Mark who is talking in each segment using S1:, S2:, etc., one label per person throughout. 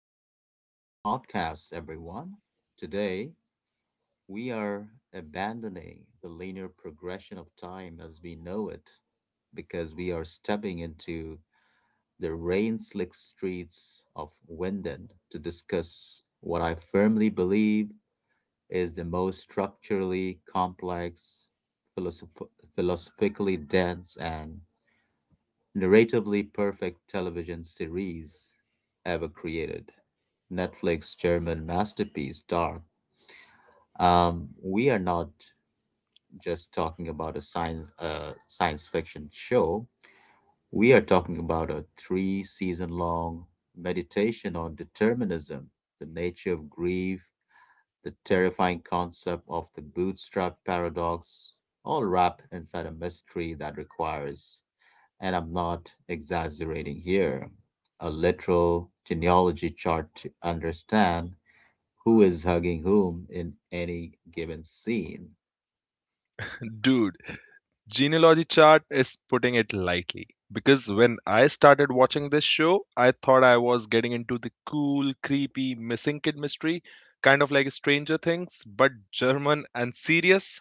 S1: to the podcast, everyone. Today, we are abandoning the linear progression of time as we know it because we are stepping into the rain slick streets of Winden to discuss what I firmly believe is the most structurally complex, philosoph- philosophically dense, and narratively perfect television series ever created. Netflix German masterpiece Dark. We are not just talking about a science fiction show. We are talking about a three season long meditation on determinism, the nature of grief, the terrifying concept of the bootstrap paradox, all wrapped inside a mystery that requires, and I'm not exaggerating here, a literal genealogy chart to understand who is hugging whom in any given scene.
S2: Dude, genealogy chart is putting it lightly. Because when I started watching this show, I thought I was getting into the cool, creepy, missing kid mystery, kind of like Stranger Things, but German and serious.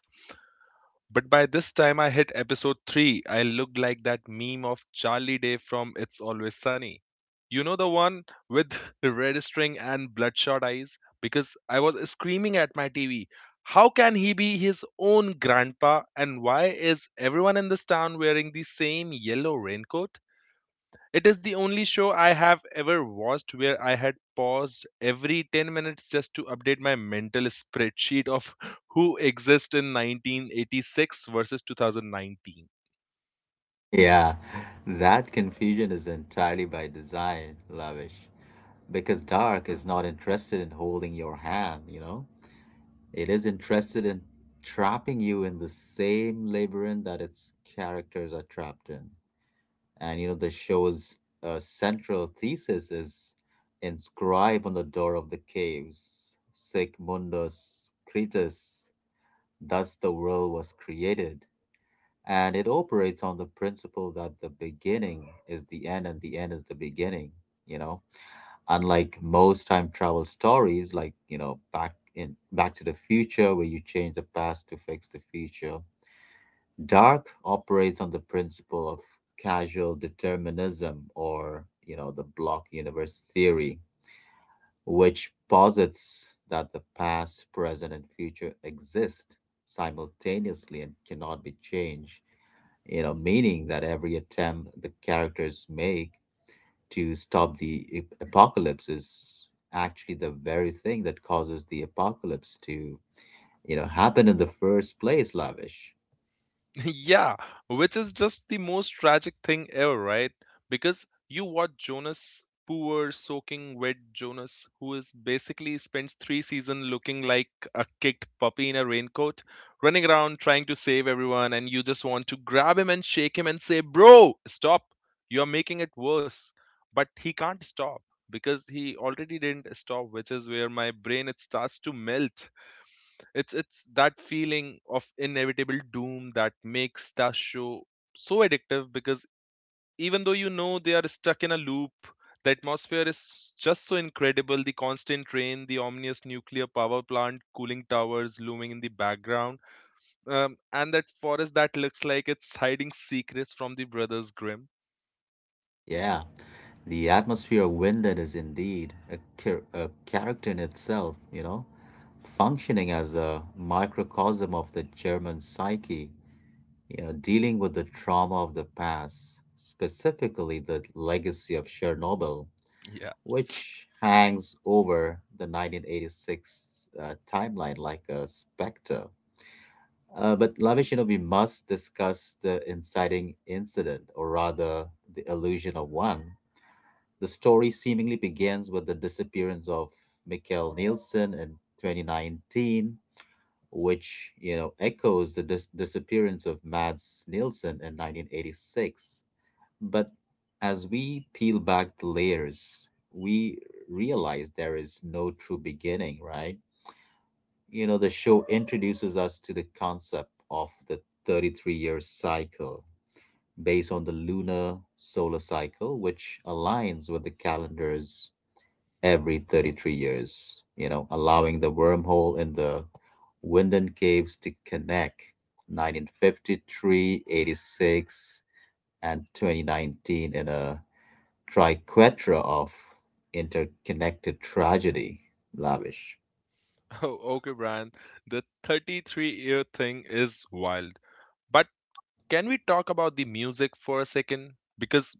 S2: But by this time I hit episode 3, I looked like that meme of Charlie Day from It's Always Sunny. You know the one with red string and bloodshot eyes? Because I was screaming at my TV. How can he be his own grandpa? And why is everyone in this town wearing the same yellow raincoat? It is the only show I have ever watched where I had paused every 10 minutes just to update my mental spreadsheet of who exists in 1986 versus 2019.
S1: Yeah, that confusion is entirely by design, Lavish, because Dark is not interested in holding your hand, you know? It is interested in trapping you in the same labyrinth that its characters are trapped in. And you know, the show's central thesis is inscribed on the door of the caves. Sic mundus cretus, thus the world was created. And it operates on the principle that the beginning is the end and the end is the beginning, you know. Unlike most time travel stories like, back in Back to the Future, where you change the past to fix the future, Dark operates on the principle of causal determinism or, the block universe theory, which posits that the past, present, and future exist simultaneously and cannot be changed, meaning that every attempt the characters make to stop the apocalypse is actually the very thing that causes the apocalypse to happened in the first place, Lavish?
S2: Yeah, which is just the most tragic thing ever, right? Because you watch Jonas, poor, soaking wet Jonas, who is basically spends three seasons looking like a kicked puppy in a raincoat, running around trying to save everyone, and you just want to grab him and shake him and say, "Bro, stop! You're making it worse." But he can't stop because he already didn't stop, which is where my brain it starts to melt. It's that feeling of inevitable doom that makes the show so addictive because even though you know they are stuck in a loop, the atmosphere is just so incredible. The constant rain, the ominous nuclear power plant cooling towers looming in the background, and that forest that looks like it's hiding secrets from the brothers Grimm.
S1: Yeah, the atmosphere of Winden is indeed a, a character in itself, you know, functioning as a microcosm of the German psyche, dealing with the trauma of the past, specifically the legacy of Chernobyl,
S2: Yeah.
S1: which hangs over the 1986 timeline like a specter. But Lavish, we must discuss the inciting incident, or rather, the illusion of one. The story seemingly begins with the disappearance of Mikkel Nielsen in 2019, which, echoes the disappearance of Mads Nielsen in 1986. But as we peel back the layers, we realize there is no true beginning, right? The show introduces us to the concept of the 33-year cycle based on the lunar solar cycle, which aligns with the calendars every 33 years, allowing the wormhole in the Winden Caves to connect 1953, '86, and 2019 in a triquetra of interconnected tragedy, lavish.
S2: Oh, okay, Brian. The 33-year thing is wild. But can we talk about the music for a second? Because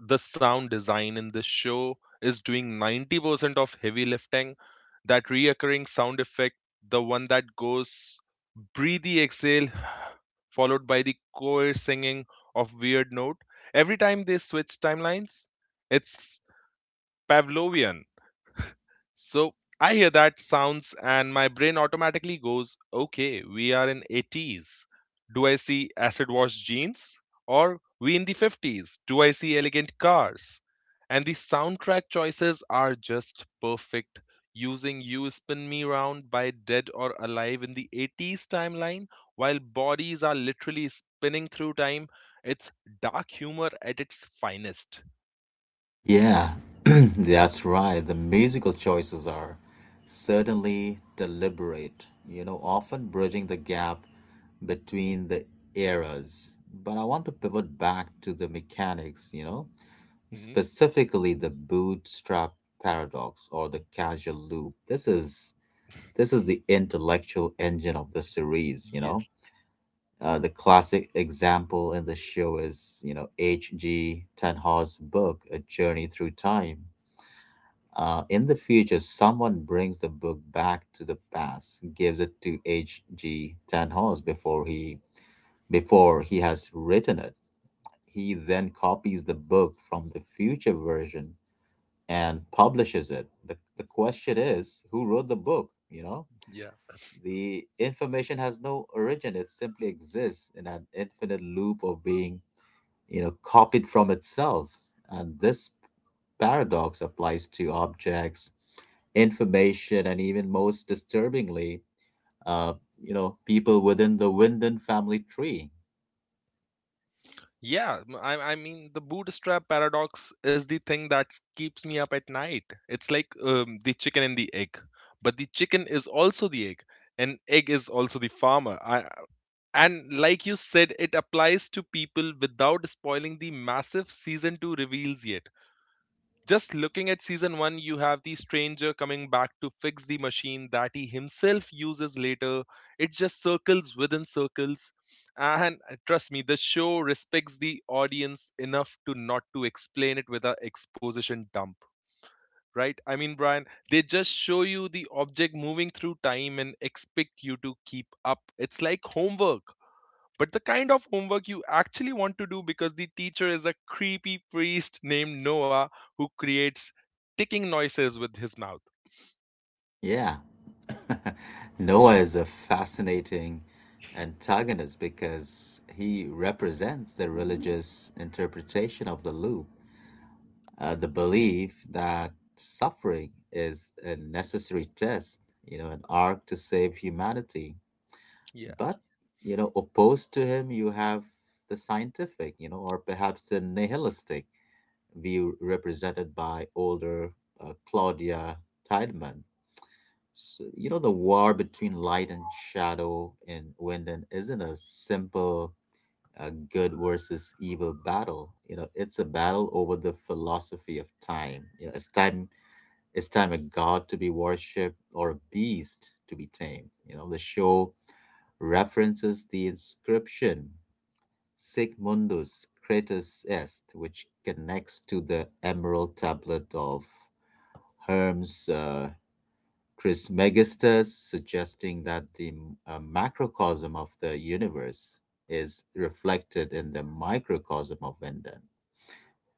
S2: the sound design in this show is doing 90% of heavy lifting. That reoccurring sound effect, the one that goes breathy exhale, followed by the choir singing of weird note. Every time they switch timelines, it's Pavlovian. So I hear that sounds and my brain automatically goes, okay, we are in '80s. Do I see acid wash jeans? Or we in the '50s? Do I see elegant cars? And the soundtrack choices are just perfect. Using You Spin Me Round by Dead or Alive in the '80s timeline, while bodies are literally spinning through time, it's dark humor at its finest.
S1: Yeah, that's right. The musical choices are certainly deliberate, often bridging the gap between the eras. But I want to pivot back to the mechanics,
S2: Hmm?
S1: specifically the bootstrap paradox or the causal loop. This is the intellectual engine of the series, you
S2: Yes.
S1: know The classic example in the show is, H.G. Ten book, A Journey Through Time. In the future, someone brings the book back to the past, gives it to H.G. Ten before he before he has written it. He then copies the book from the future version and publishes it. The question is, who wrote the book?
S2: Yeah.
S1: The information has no origin. It simply exists in an infinite loop of being copied from itself. And this paradox applies to objects, information, and even most disturbingly, uh, people within the Winden family tree.
S2: Yeah, I mean, the bootstrap paradox is the thing that keeps me up at night. It's like the chicken and the egg, but the chicken is also the egg, and egg is also the farmer. And like you said, it applies to people without spoiling the massive season two reveals yet. Just looking at season one, you have the stranger coming back to fix the machine that he himself uses later. It just circles within circles. And trust me, the show respects the audience enough to not to explain it with a exposition dump. Right? I mean, Brian, they just show you the object moving through time and expect you to keep up. It's like homework, but the kind of homework you actually want to do because the teacher is a creepy priest named Noah who creates ticking noises with his mouth.
S1: Yeah. Noah is a fascinating antagonist because he represents the religious interpretation of the loop, the belief that suffering is a necessary test, an arc to save humanity.
S2: Yeah,
S1: But, opposed to him, you have the scientific, or perhaps the nihilistic view represented by older Claudia Tideman. So, the war between light and shadow in Winden isn't a simple good versus evil battle. It's a battle over the philosophy of time. It's time a god to be worshipped or a beast to be tamed. The show references the inscription Sigmundus Cretus Est, which connects to the emerald tablet of Hermes Trismegistus, suggesting that the macrocosm of the universe is reflected in the microcosm of Venden.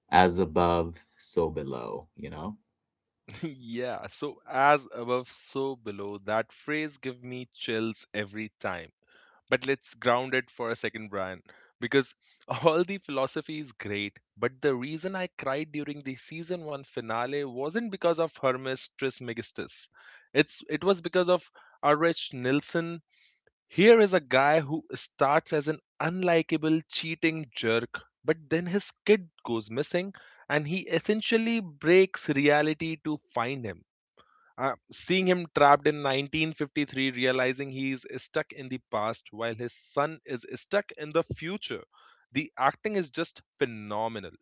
S1: As above, so below, you know?
S2: yeah. So, as above, so below, that phrase give me chills every time. But let's ground it for a second, Brian, because all the philosophy is great. But the reason I cried during the season one finale wasn't because of Hermes Trismegistus. It was because of R. H. Nilsson. Here is a guy who starts as an unlikable, cheating jerk, but then his kid goes missing and he essentially breaks reality to find him. Seeing him trapped in 1953, realizing he is stuck in the past while his son is stuck in the future, the acting is just phenomenal.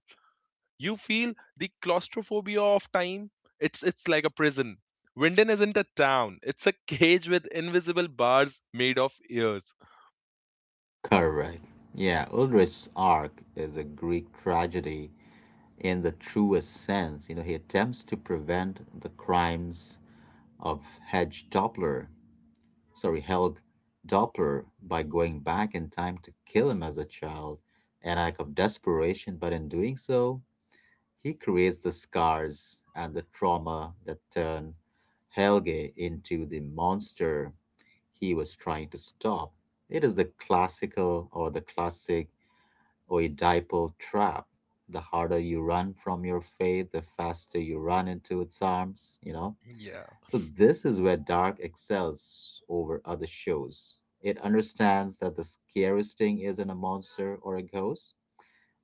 S2: You feel the claustrophobia of time. It's like a prison. Winden isn't a town. It's a cage with invisible bars made of ears.
S1: Correct. Yeah, Ulrich's arc is a Greek tragedy in the truest sense. He attempts to prevent the crimes of Hedge Doppler, sorry, Helg Doppler, by going back in time to kill him as a child, an act of desperation. But in doing so, he creates the scars and the trauma that turn Helge into the monster he was trying to stop. It is the classical, or the classic, or a dipole trap. The harder you run from your faith, the faster you run into its arms, you know?
S2: Yeah,
S1: So, this is where Dark excels over other shows. It understands that the scariest thing isn't a monster or a ghost.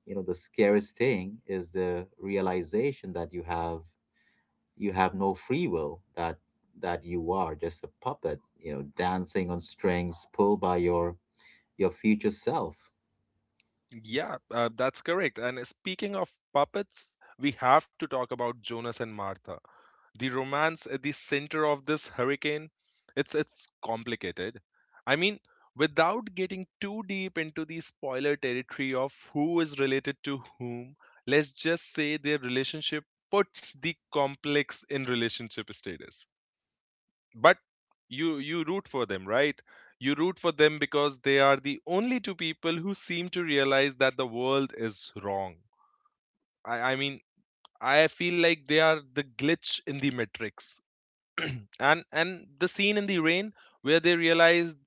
S1: The scariest thing is the realization that you have no free will, that you are just a puppet, dancing on strings pulled by your future self.
S2: yeah, that's correct. And speaking of puppets, we have to talk about Jonas and Martha. The romance at the center of this hurricane, it's complicated. I mean, without getting too deep into the spoiler territory of who is related to whom, let's just say their relationship puts the complex in relationship status. But you root for them, right? You root for them because they are the only two people who seem to realize that the world is wrong. I mean, I feel like they are the glitch in the matrix. And the scene in the rain, where they realize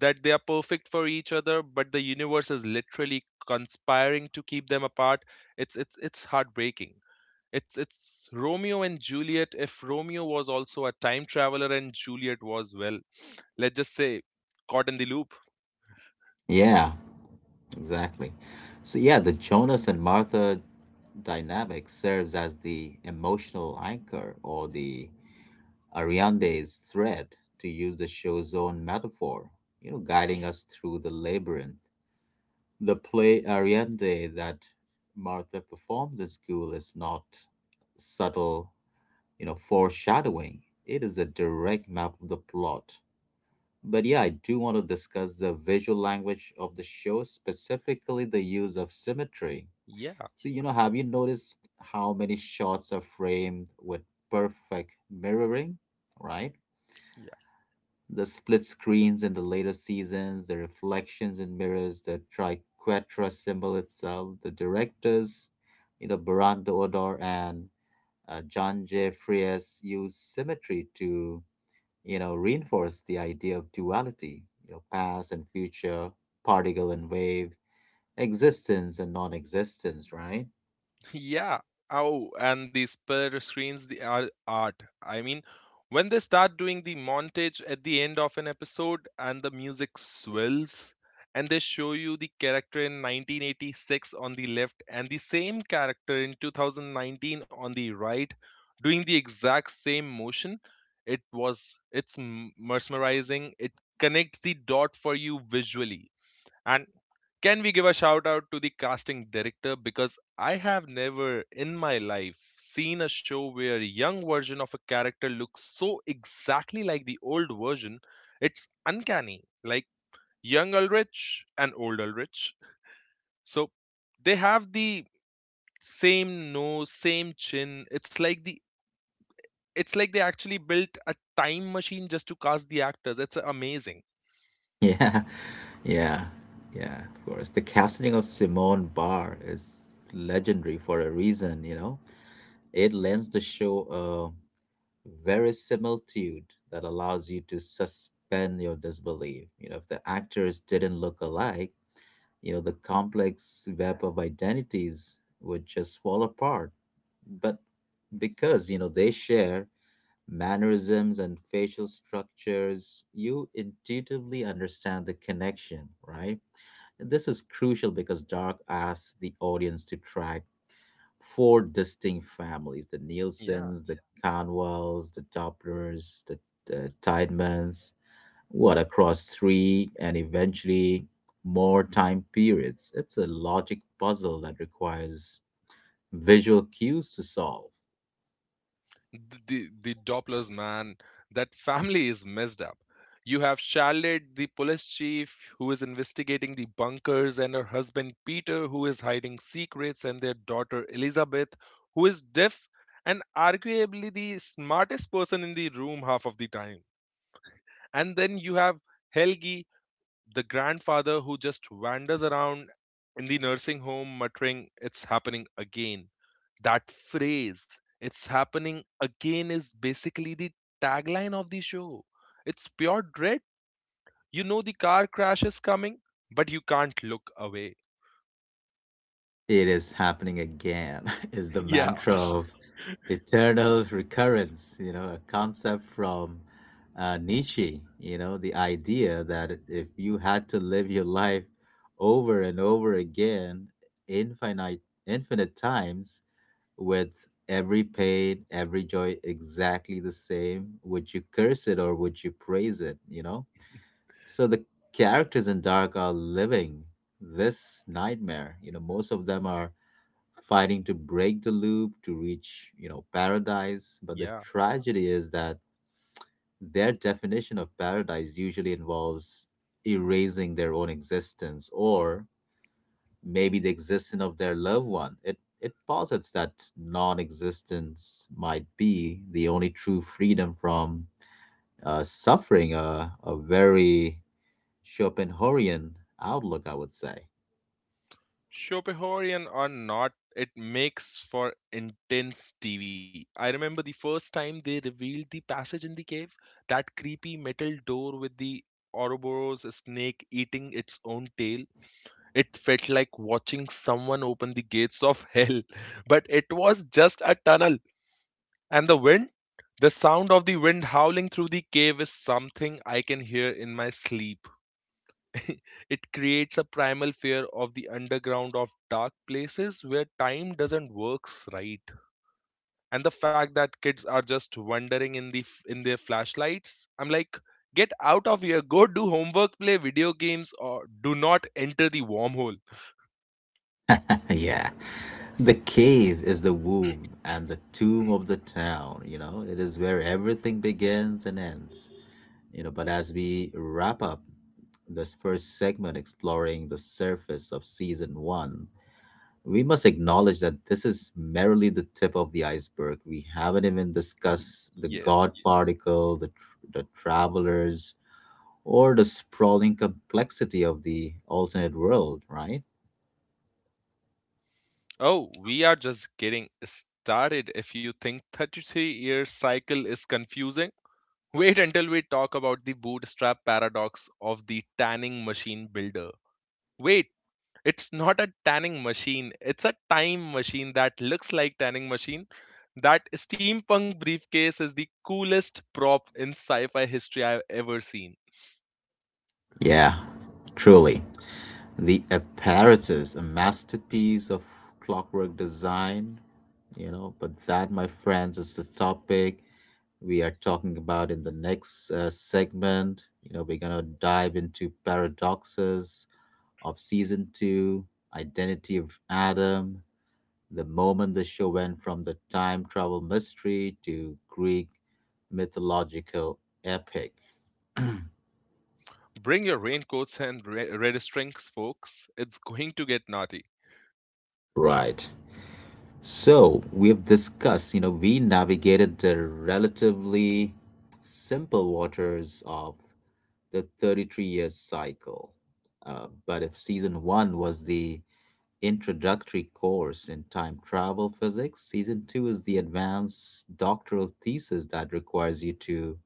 S2: that they are perfect for each other but the universe is literally conspiring to keep them apart, it's heartbreaking. It's Romeo and Juliet if Romeo was also a time traveler and Juliet was, well, let's just say caught in the loop.
S1: Yeah, exactly. So yeah, the Jonas and Martha dynamic serves as the emotional anchor, or the Ariande's thread, to use the show's own metaphor, guiding us through the labyrinth. The play Ariande that Martha performs in school is not subtle, foreshadowing. It is a direct map of the plot. But yeah, I do want to discuss the visual language of the show, specifically the use of symmetry.
S2: Yeah.
S1: So, have you noticed how many shots are framed with perfect mirroring, right? The split screens in the later seasons, the reflections in mirrors, the triquetra symbol itself, the directors, Barak de Odor and John J. Fries, use symmetry to, reinforce the idea of duality, past and future, particle and wave, existence and non existence, right?
S2: Yeah. Oh, and the splatter screens, the art. I mean, when they start doing the montage at the end of an episode and the music swells and they show you the character in 1986 on the left and the same character in 2019 on the right doing the exact same motion, it's mesmerizing. It connects the dot for you visually. And. Can we give a shout out to the casting director? Because I have never in my life seen a show where a young version of a character looks so exactly like the old version. It's uncanny, like young Ulrich and old Ulrich. So they have the same nose, same chin. It's like they actually built a time machine just to cast the actors. It's amazing.
S1: Yeah, yeah, yeah, of course. The casting of Simone Barr is legendary for a reason. It lends the show a verisimilitude that allows you to suspend your disbelief. If the actors didn't look alike, the complex web of identities would just fall apart. But because they share mannerisms and facial structures, you intuitively understand the connection, right? This is crucial because Dark asks the audience to track four distinct families: the
S2: Yeah.
S1: Nielsen's, the Conwells, the Dopplers, the Tidemans, what across three and eventually more time periods. It's a logic puzzle that requires visual cues to solve.
S2: The Dopplers, man, that family is messed up. You have Charlotte, the police chief, who is investigating the bunkers, and her husband Peter, who is hiding secrets, and their daughter Elizabeth, who is deaf and arguably the smartest person in the room half of the time. And then you have Helgi, the grandfather who just wanders around in the nursing home muttering, "It's happening again." That phrase, "It's happening again," is basically the tagline of the show. It's pure dread. You know the car crash is coming, but you can't look away.
S1: It is happening again, is the
S2: Yeah.
S1: mantra of eternal recurrence, a concept from Nietzsche, the idea that if you had to live your life over and over again, infinite, infinite times, with every pain, every joy exactly the same, would you curse it or would you praise it, you know? So the characters in Dark are living this nightmare, most of them are fighting to break the loop to reach, paradise. But the
S2: Yeah.
S1: tragedy is that their definition of paradise usually involves erasing their own existence or maybe the existence of their loved one. It posits that non-existence might be the only true freedom from suffering. A very Schopenhauerian outlook, I would say.
S2: Shoppehorian or not, it makes for intense TV. I remember the first time they revealed the passage in the cave, that creepy metal door with the Ouroboros snake eating its own tail. It felt like watching someone open the gates of hell, but it was just a tunnel. And the wind? The sound of the wind howling through the cave is something I can hear in my sleep. It creates a primal fear of the underground, of dark places where time doesn't works right. And the fact that kids are just wandering in the in their flashlights, I'm like, get out of here, go do homework, play video games, or do not enter the wormhole.
S1: Yeah. The cave is the womb and the tomb of the town. It is where everything begins and ends. But as we wrap up this first segment exploring the surface of season 1, we must acknowledge that this is merely the tip of the iceberg. We haven't even discussed the
S2: Yes,
S1: god particle, the the travelers, or the sprawling complexity of the alternate world, right?
S2: oh, we are just getting started. If you think 33-year cycle is confusing, wait until we talk about the bootstrap paradox of the tanning machine builder. Wait. It's not a tanning machine. It's a time machine that looks like tanning machine. That steampunk briefcase is the coolest prop in sci-fi history I've ever seen.
S1: Yeah, truly. The apparatus, a masterpiece of clockwork design, but that, my friends, is the topic we are talking about in the next segment. We're going to dive into paradoxes of season two, identity of Adam, the moment the show went from the time travel mystery to Greek mythological epic.
S2: Bring your raincoats and red strings, folks. It's going to get naughty.
S1: Right. So we have discussed, you know, we navigated the relatively simple waters of the 33-year cycle. But if season one was the introductory course in time travel physics, season two is the advanced doctoral thesis that requires you to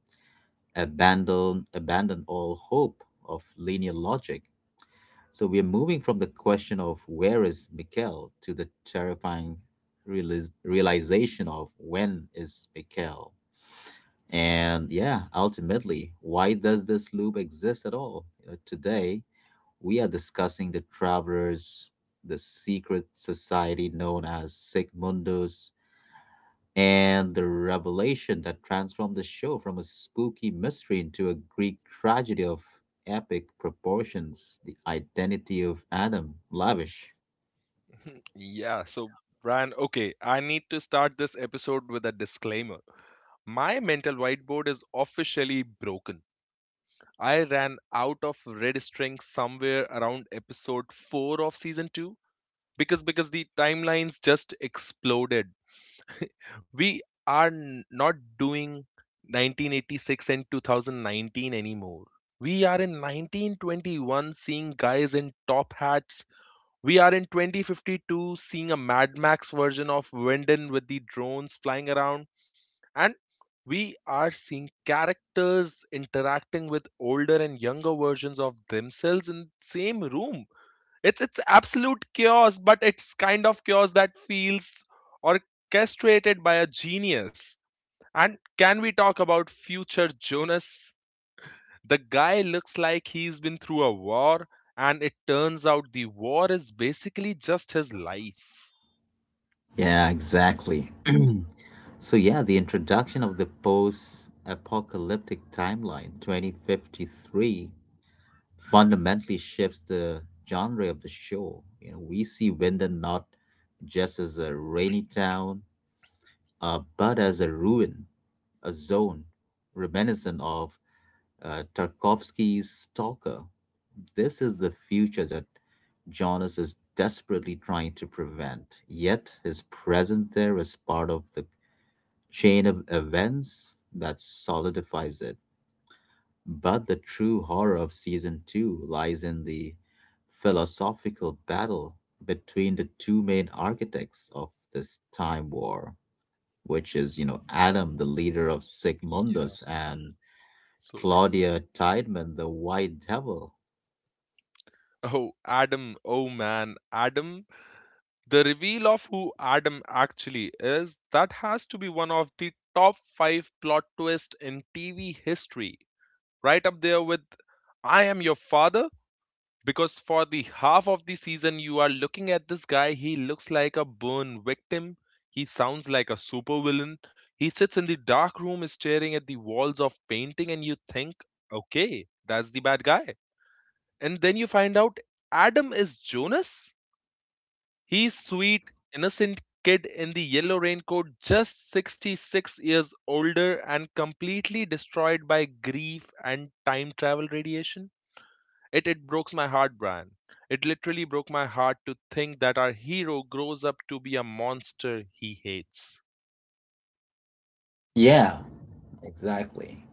S1: abandon all hope of linear logic. So we are moving from the question of where is Mikkel to the terrifying realization of when is Mikkel. And yeah, ultimately, why does this loop exist at all? Today, we are discussing the travelers, the secret society known as Sigmundus, and the revelation that transformed the show from a spooky mystery into a Greek tragedy of epic proportions, the identity of Adam, Lavish.
S2: Yeah, so Brian, okay, I need to start this episode with a disclaimer. My mental whiteboard is officially broken. I ran out of red string somewhere around episode 4 of season 2. Because the timelines just exploded. We are not doing 1986 and 2019 anymore. We are in 1921 seeing guys in top hats. We are in 2052 seeing a mad max version of Wyndon with the drones flying around. And we are seeing characters interacting with older and younger versions of themselves in the same room. It's absolute chaos, but it's kind of chaos that feels orchestrated by a genius. And can we talk about future Jonas? The guy looks like he's been through a war, and it turns out the war is basically just his life.
S1: Yeah, exactly. The introduction of the post apocalyptic timeline 2053 fundamentally shifts the genre of the show. You know, we see Winden not just as a rainy town, but as a ruin, a zone reminiscent of Tarkovsky's Stalker. This is the future that Jonas is desperately trying to prevent, yet his presence there is part of the chain of events that solidifies it. But the true horror of season two lies in the philosophical battle between the two main architects of this time war, which is, you know, Adam, the leader of
S2: Yeah,
S1: Sigmundus, and
S2: so true.
S1: Claudia Tideman, the White Devil.
S2: Oh, Adam, oh man, Adam. The reveal of who Adam actually is, that has to be one of the top five plot twists in TV history. Right up there with "I am your father." Because for the half of the season you are looking at this guy. He looks like a burn victim, he sounds like a supervillain, he sits in the dark room staring at the walls of painting and you think, okay, that's the bad guy. And then you find out Adam is Jonas. He's sweet innocent kid in the yellow raincoat, just 66 years older and completely destroyed by grief and time travel radiation. It broke my heart, Brian. It literally broke my heart to think that our hero grows up to be a monster he hates.
S1: Yeah, exactly.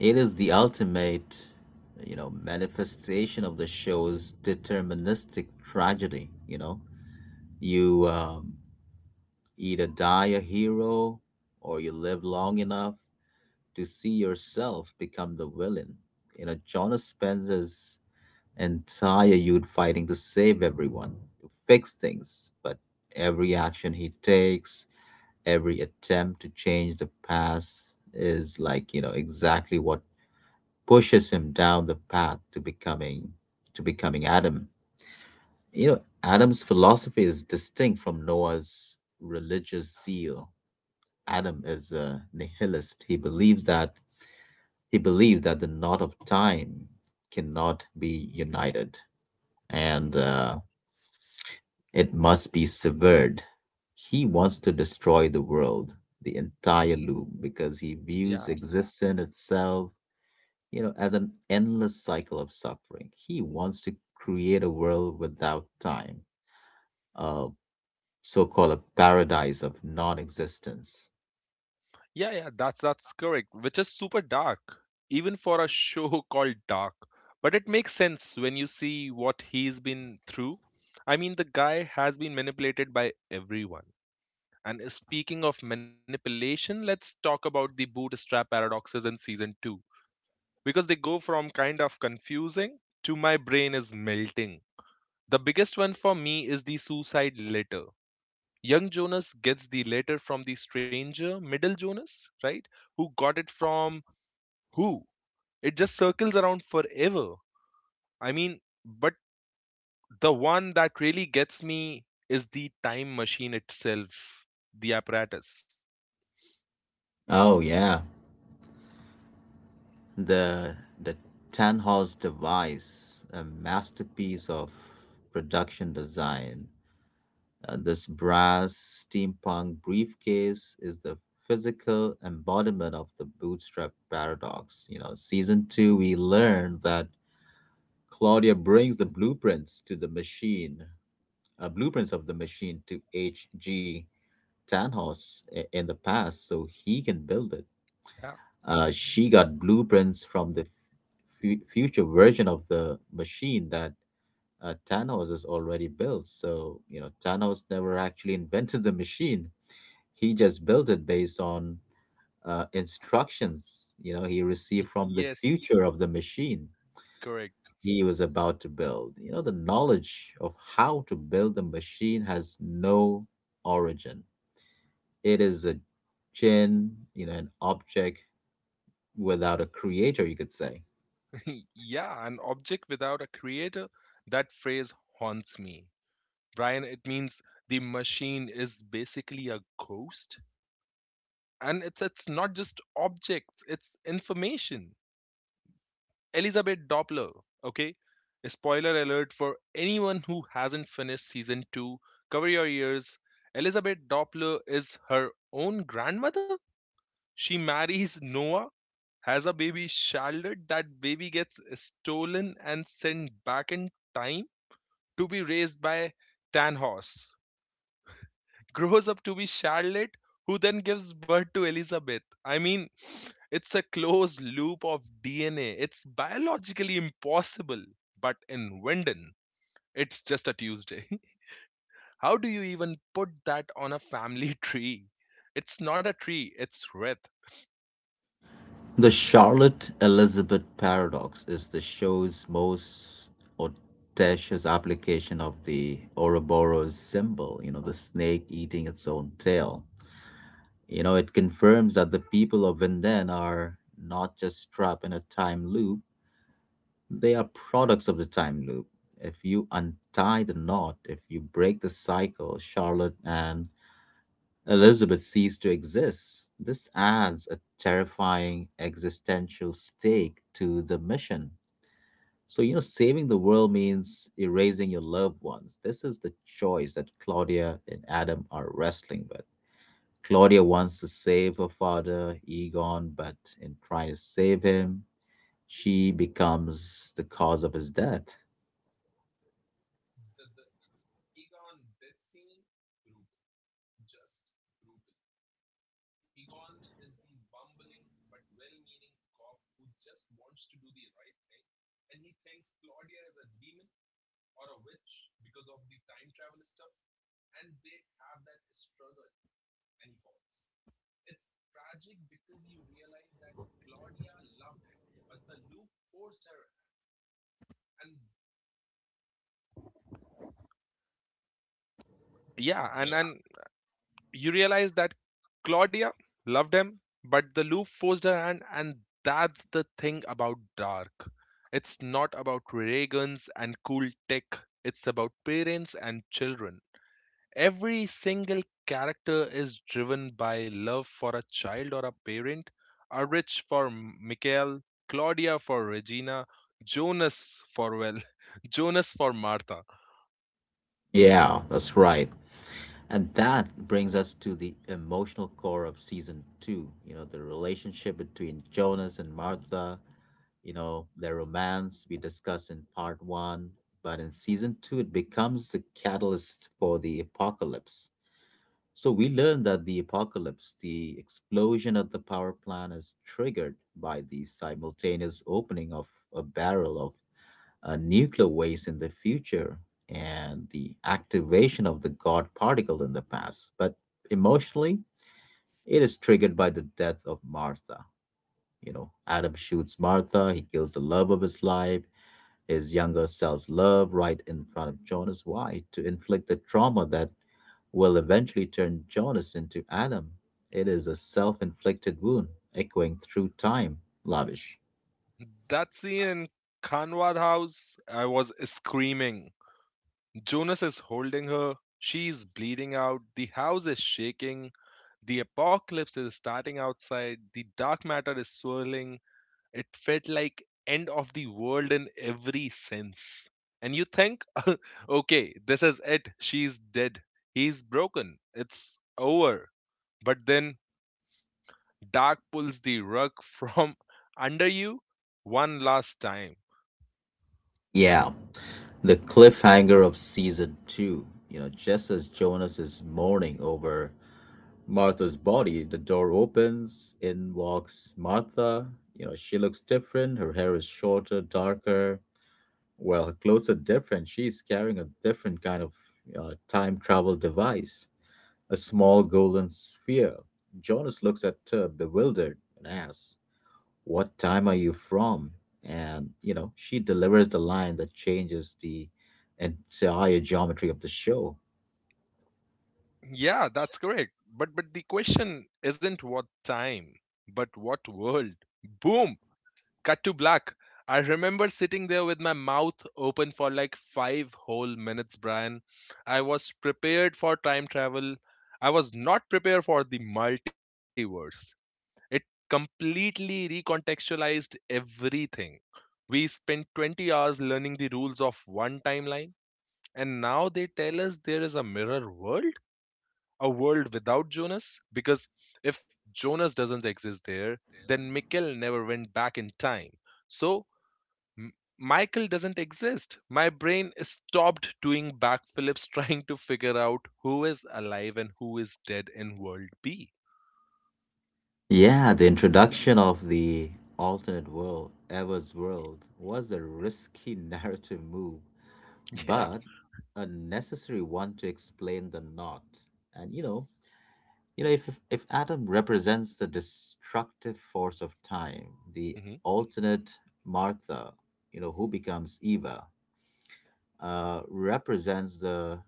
S1: It is the ultimate, you know, manifestation of the show's deterministic tragedy. You know, you either die a hero or you live long enough to see yourself become the villain. You know, Jonas spends his entire youth fighting to save everyone, to fix things, but every action he takes, every attempt to change the past, is, like, you know, exactly what pushes him down the path to becoming Adam. You know, Adam's philosophy is distinct from Noah's religious zeal. Adam is a nihilist. He believes that the knot of time cannot be united and it must be severed. He wants to destroy the world, the entire loop, because he
S2: Yeah,
S1: views existence itself, you know, as an endless cycle of suffering. He wants to create a world without time, a so-called a paradise of non-existence.
S2: yeah, yeah. That's correct. Which is super dark, even for a show called Dark. But it makes sense when you see what he's been through. I mean, the guy has been manipulated by everyone. And speaking of manipulation, let's talk about the bootstrap paradoxes in season two, because they go from kind of confusing to my brain is melting. The biggest one for me is the suicide letter. Young Jonas gets the letter from the stranger, middle Jonas, right? Who got it from who? It just circles around forever. I mean, but the one that really gets me is the time machine itself, the apparatus.
S1: Oh yeah, the Tannhaus device, a masterpiece of production design. This brass steampunk briefcase is the physical embodiment of the bootstrap paradox. You know, season two, we learn that Claudia brings the blueprints to the machine, blueprints of the machine to H.G. Tanhos in the past so he can build it.
S2: Yeah.
S1: She got blueprints from the future version of the machine that Thanos has already built. So, you know, Thanos never actually invented the machine. He just built it based on instructions, you know, he received from the
S2: Yes,
S1: future of the machine
S2: correct.
S1: he was about to build. You know, the knowledge of how to build the machine has no origin. It is a gin, you know, an object without a creator, you could say.
S2: Yeah, an object without a creator, that phrase haunts me. Brian, it means the machine is basically a ghost, and it's not just objects, it's information. Elizabeth Doppler, okay, a spoiler alert for anyone who hasn't finished season 2, cover your ears. Elizabeth Doppler is her own grandmother. She marries Noah, has a baby Charlotte. That baby gets stolen and sent back in time to be raised by Tanhorse, grows up to be Charlotte, who then gives birth to Elizabeth. I mean, it's a closed loop of DNA. It's biologically impossible, but in Winden, it's just a Tuesday. How do you even put that on a family tree? It's not a tree, it's wreath.
S1: The Charlotte Elizabeth paradox is the show's most audacious application of the Ouroboros symbol, you know, the snake eating its own tail. You know, it confirms that the people of Vinden are not just trapped in a time loop, they are products of the time loop. If you untie the knot, if you break the cycle, Charlotte and Elizabeth ceased to exist. This adds a terrifying existential stake to the mission. So, you know, saving the world means erasing your loved ones. This is the choice that Claudia and Adam are wrestling with. Claudia wants to save her father, Egon, but in trying to save him, she becomes the cause of his death.
S2: The Egon death scene, brutal, just brutal. Egon is the bumbling but well-meaning cop who just wants to do the right thing, and he thinks Claudia is a demon or a witch because of the time travel stuff, and they have that struggle, and he falls. It's tragic because you realize that Claudia loved him, but the Louvre forced her, and yeah, and you realize that Claudia loved him, but the Louvre forced her hand, and that's the thing about Dark. It's not about Reagans and cool tech. It's about parents and children. Every single character is driven by love for a child or a parent. Ulrich for Mikhail, Claudia for Regina, Jonas for, well, Jonas for Martha.
S1: Yeah, that's right. And that brings us to the emotional core of season two. You know, the relationship between Jonas and Martha, you know, their romance we discussed in part one. But in season two, it becomes the catalyst for the apocalypse. So we learn that the apocalypse, the explosion of the power plant, is triggered by the simultaneous opening of a barrel of nuclear waste in the future and the activation of the God particle in the past. But emotionally, it is triggered by the death of Martha. You know, Adam shoots Martha, he kills the love of his life, his younger self's love, right in front of Jonas. Why? To inflict the trauma that will eventually turn Jonas into Adam. It is a self inflicted wound echoing through time. Lavish.
S2: That scene in Khanwad house, I was screaming. Jonas is holding her. She's bleeding out. The house is shaking. The apocalypse is starting outside. The dark matter is swirling. It felt like end of the world in every sense. And you think, okay, this is it. She's dead. He's broken. It's over. But then Dark pulls the rug from under you one last time.
S1: Yeah, the cliffhanger of season two. You know, just as Jonas is mourning over Martha's body, the door opens, in walks Martha. You know, she looks different. Her hair is shorter, darker. Well, her clothes are different. She's carrying a different kind of time travel device, a small golden sphere. Jonas looks at her bewildered and asks, what time are you from? And, you know, she delivers the line that changes the entire geometry of the show.
S2: Yeah, that's correct. But the question isn't what time, but what world. Boom! Cut to black. I remember sitting there with my mouth open for like five whole minutes, Brian. I was prepared for time travel. I was not prepared for the multiverse. It completely recontextualized everything. We spent 20 hours learning the rules of one timeline, and now they tell us there is a mirror world, a world without Jonas. Because if Jonas doesn't exist there, then Mikkel never went back in time. So Michael doesn't exist. My brain stopped doing backflips trying to figure out who is alive and who is dead in World B.
S1: Yeah, the introduction of the alternate world, Eva's world, was a risky narrative move,
S2: Yeah.
S1: but a necessary one to explain the knot. And you know, if Adam represents the destructive force of time, the
S2: Mhm.
S1: alternate Martha, you know, who becomes Eva, represents the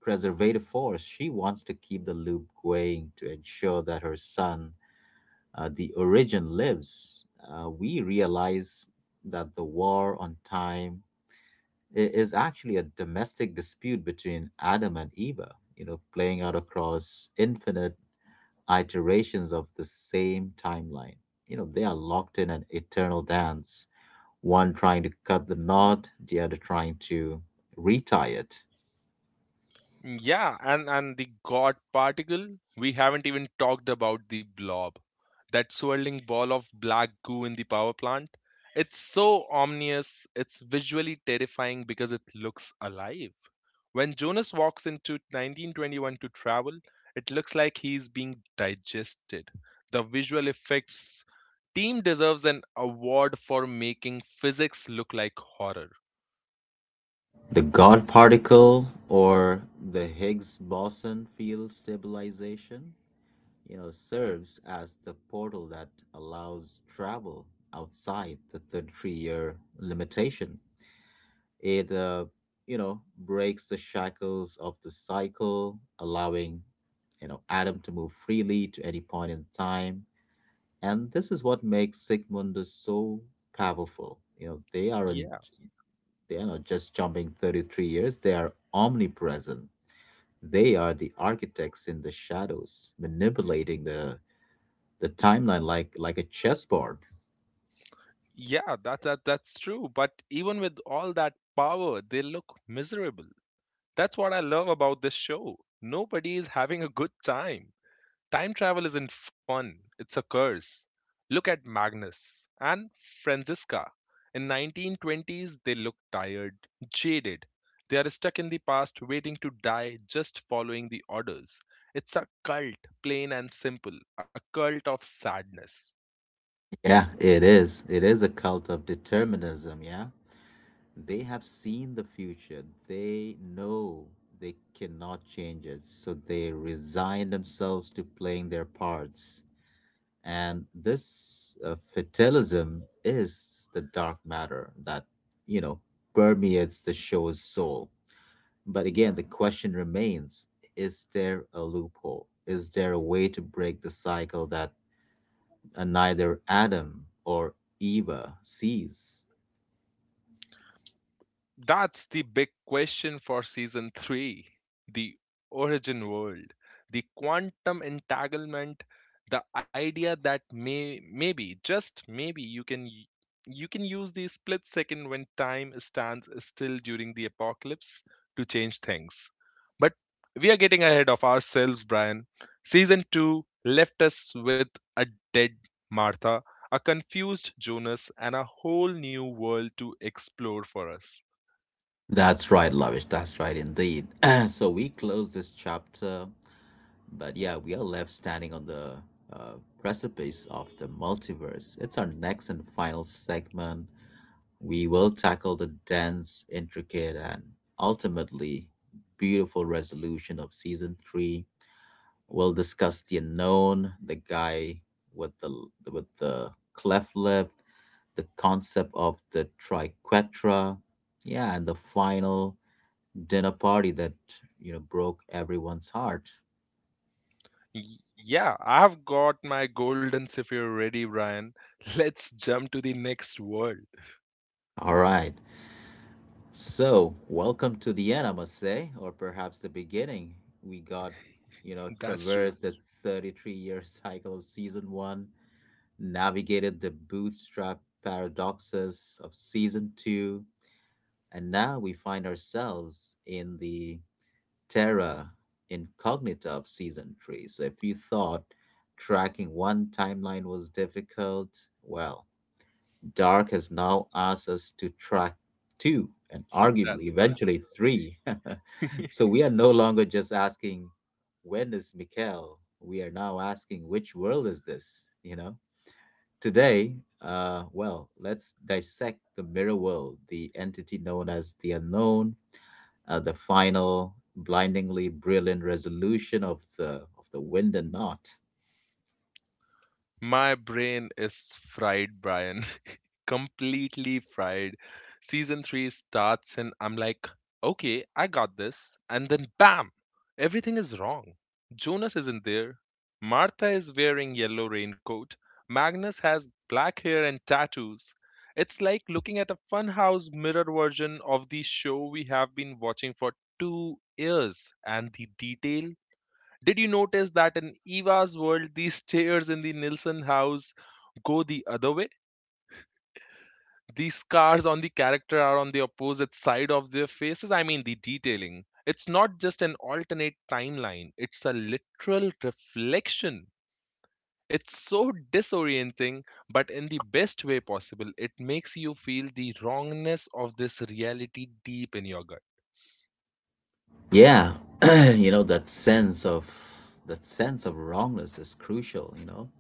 S1: preservative force. She wants to keep the loop going to ensure that her son, the origin, lives. We realize that the war on time is actually a domestic dispute between Adam and Eva, you know, playing out across infinite iterations of the same timeline. You know, they are locked in an eternal dance, one trying to cut the knot, the other trying to retie it.
S2: Yeah, and the God particle, we haven't even talked about the blob, that swirling ball of black goo in the power plant. It's so ominous, it's visually terrifying because it looks alive. When Jonas walks into 1921 to travel, it looks like he's being digested. The visual effects team deserves an award for making physics look like horror.
S1: The God particle, or the Higgs boson field stabilization, you know, serves as the portal that allows travel outside the 33-year limitation. It, uh, you know, breaks the shackles of the cycle, allowing, you know, Adam to move freely to any point in time. And this is what makes Sigmundus so powerful. You know, they are not just jumping 33 years, they are omnipresent. They are the architects in the shadows, manipulating the timeline like a chessboard.
S2: Yeah, that's true. But even with all that power, they look miserable. That's what I love about this show. Nobody is having a good time. Time travel isn't fun, it's a curse. Look at Magnus and Franziska. In 1920s, they look tired, jaded. They are stuck in the past, waiting to die, just following the orders. It's a cult, plain and simple, a cult of sadness.
S1: Yeah, it is. It is a cult of determinism, yeah. They have seen the future. They know they cannot change it, so they resign themselves to playing their parts. And this fatalism is the dark matter that, you know, permeates the show's soul. But again, the question remains, is there a loophole? Is there a way to break the cycle that neither Adam or Eva sees?
S2: That's the big question for season 3: the origin world, the quantum entanglement, the idea that maybe, just maybe, you can. You can use the split second when time stands still during the apocalypse to change things. But we are getting ahead of ourselves, Brian. Season 2 left us with a dead Martha, a confused Jonas, and a whole new world to explore for us.
S1: That's right, Lavish. That's right indeed. So we close this chapter, but yeah, we are left standing on the precipice of the multiverse. It's our next and final segment. We will tackle the dense, intricate, and ultimately beautiful resolution of season three. We'll discuss the unknown, the guy with the cleft lip, the concept of the triquetra, yeah, and the final dinner party that you know broke everyone's heart.
S2: Y- Yeah, I've got my goldens if you're ready, Brian. Let's jump to the next world.
S1: All right. So, welcome to the end, I must say, or perhaps the beginning. We got, you know,
S2: That's true.
S1: traversed the 33 year cycle of season one, navigated the bootstrap paradoxes of season two, and now we find ourselves in the terra incognita of season three. So, if you thought tracking one timeline was difficult, well, Dark has now asked us to track two and arguably
S2: That's correct.
S1: eventually three. So we are no longer just asking, when is Mikkel? We are now asking, which world is this? You know? Today, let's dissect the mirror world, the entity known as the unknown, the final, blindingly brilliant resolution of the wind and knot.
S2: My brain is fried, Brian. Completely fried. Season 3 starts, and I'm like, okay, I got this. And then bam! Everything is wrong. Jonas isn't there. Martha is wearing yellow raincoat. Magnus has black hair and tattoos. It's like looking at a funhouse mirror version of the show we have been watching for 2 years, and the detail, did you notice that in Eva's world, these chairs in the Nilsson house go the other way? These scars on the character are on the opposite side of their faces. I mean, the detailing. It's not just an alternate timeline, it's a literal reflection. It's so disorienting, but in the best way possible, it makes you feel the wrongness of this reality deep in your gut.
S1: Yeah, you know, that sense of wrongness is crucial. You know,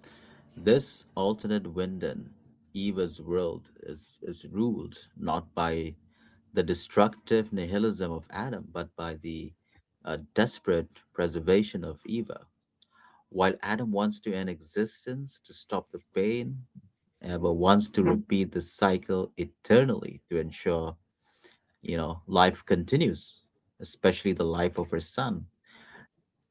S1: this alternate Winden, Eva's world, is ruled not by the destructive nihilism of Adam, but by the desperate preservation of Eva. While Adam wants to end existence to stop the pain, Eva wants to repeat the cycle eternally to ensure you know life continues, especially the life of her son.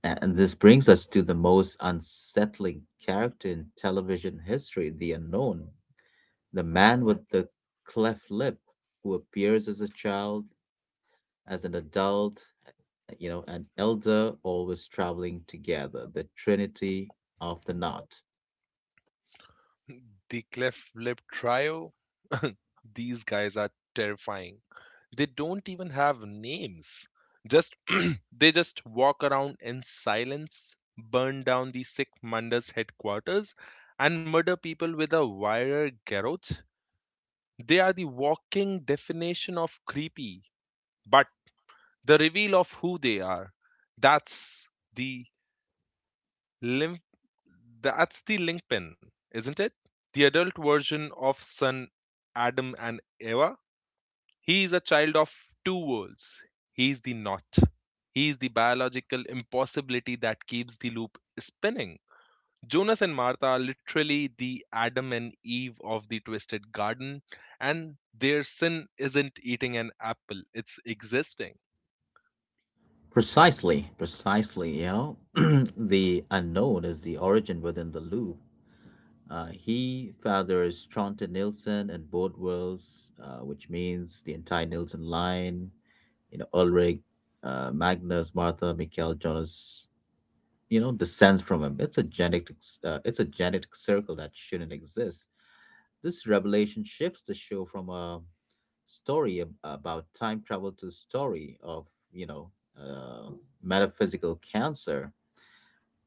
S1: And this brings us to the most unsettling character in television history, the unknown, the man with the cleft lip, who appears as a child, as an adult, you know, an elder, always traveling together, the trinity of the knot.
S2: The cleft lip trio, these guys are terrifying. They don't even have names. Just they just walk around in silence, burn down the sick Mandas headquarters, and murder people with a wire garrote. They are the walking definition of creepy. But the reveal of who they are, that's the that's the link, isn't it? The adult version of son Adam and Eva. He is a child of two worlds. He is the knot. He is the biological impossibility that keeps the loop spinning. Jonas and Martha are literally the Adam and Eve of the twisted garden, and their sin isn't eating an apple, it's existing.
S1: Precisely, precisely, you know, the unknown is the origin within the loop. He fathers Tronte Nielsen and Bodwells, which means the entire Nielsen line, you know, Ulrich, Magnus, Martha, Mikael, Jonas, you know, descends from him. It's a genetic circle that shouldn't exist. This revelation shifts the show from a story about time travel to a story of, you know, uh, metaphysical cancer.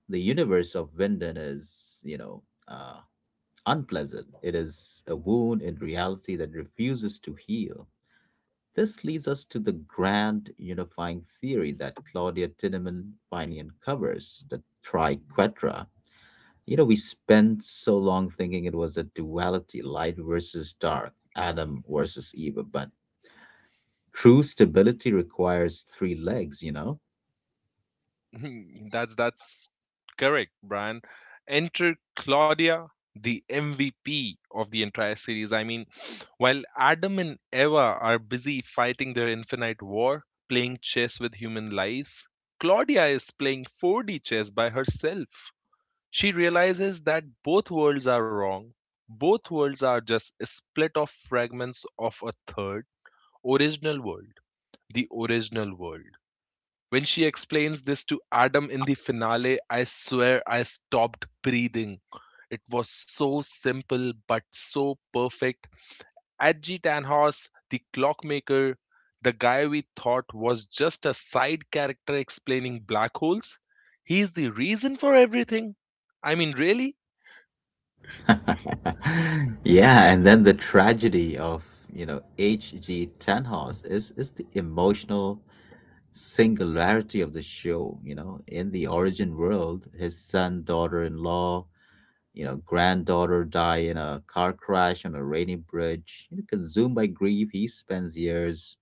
S1: The universe of Vinden is, you know, unpleasant. It is a wound in reality that refuses to heal. This leads us to the grand unifying theory that Claudia Tiedemann finally uncovers, the triquetra. You know, we spent so long thinking it was a duality, light versus dark, Adam versus Eve, but true stability requires three legs, you know?
S2: That's correct, Brian. Enter Claudia, the MVP of the entire series. I mean, while Adam and Eva are busy fighting their infinite war, playing chess with human lives, Claudia is playing 4D chess by herself. She realizes that both worlds are wrong. Both worlds are just split off fragments of a third original world, the original world. When she explains this to Adam in the finale, I swear I stopped breathing. It was so simple but so perfect. Adji Tanhaus, the clockmaker, the guy we thought was just a side character explaining black holes, he's the reason for everything. I mean, really?
S1: Yeah, and then the tragedy of, you know, H.G. Tenhos is the emotional singularity of the show. You know, in the origin world, his son, daughter-in-law, you know, granddaughter die in a car crash on a rainy bridge. You know, consumed by grief, he spends years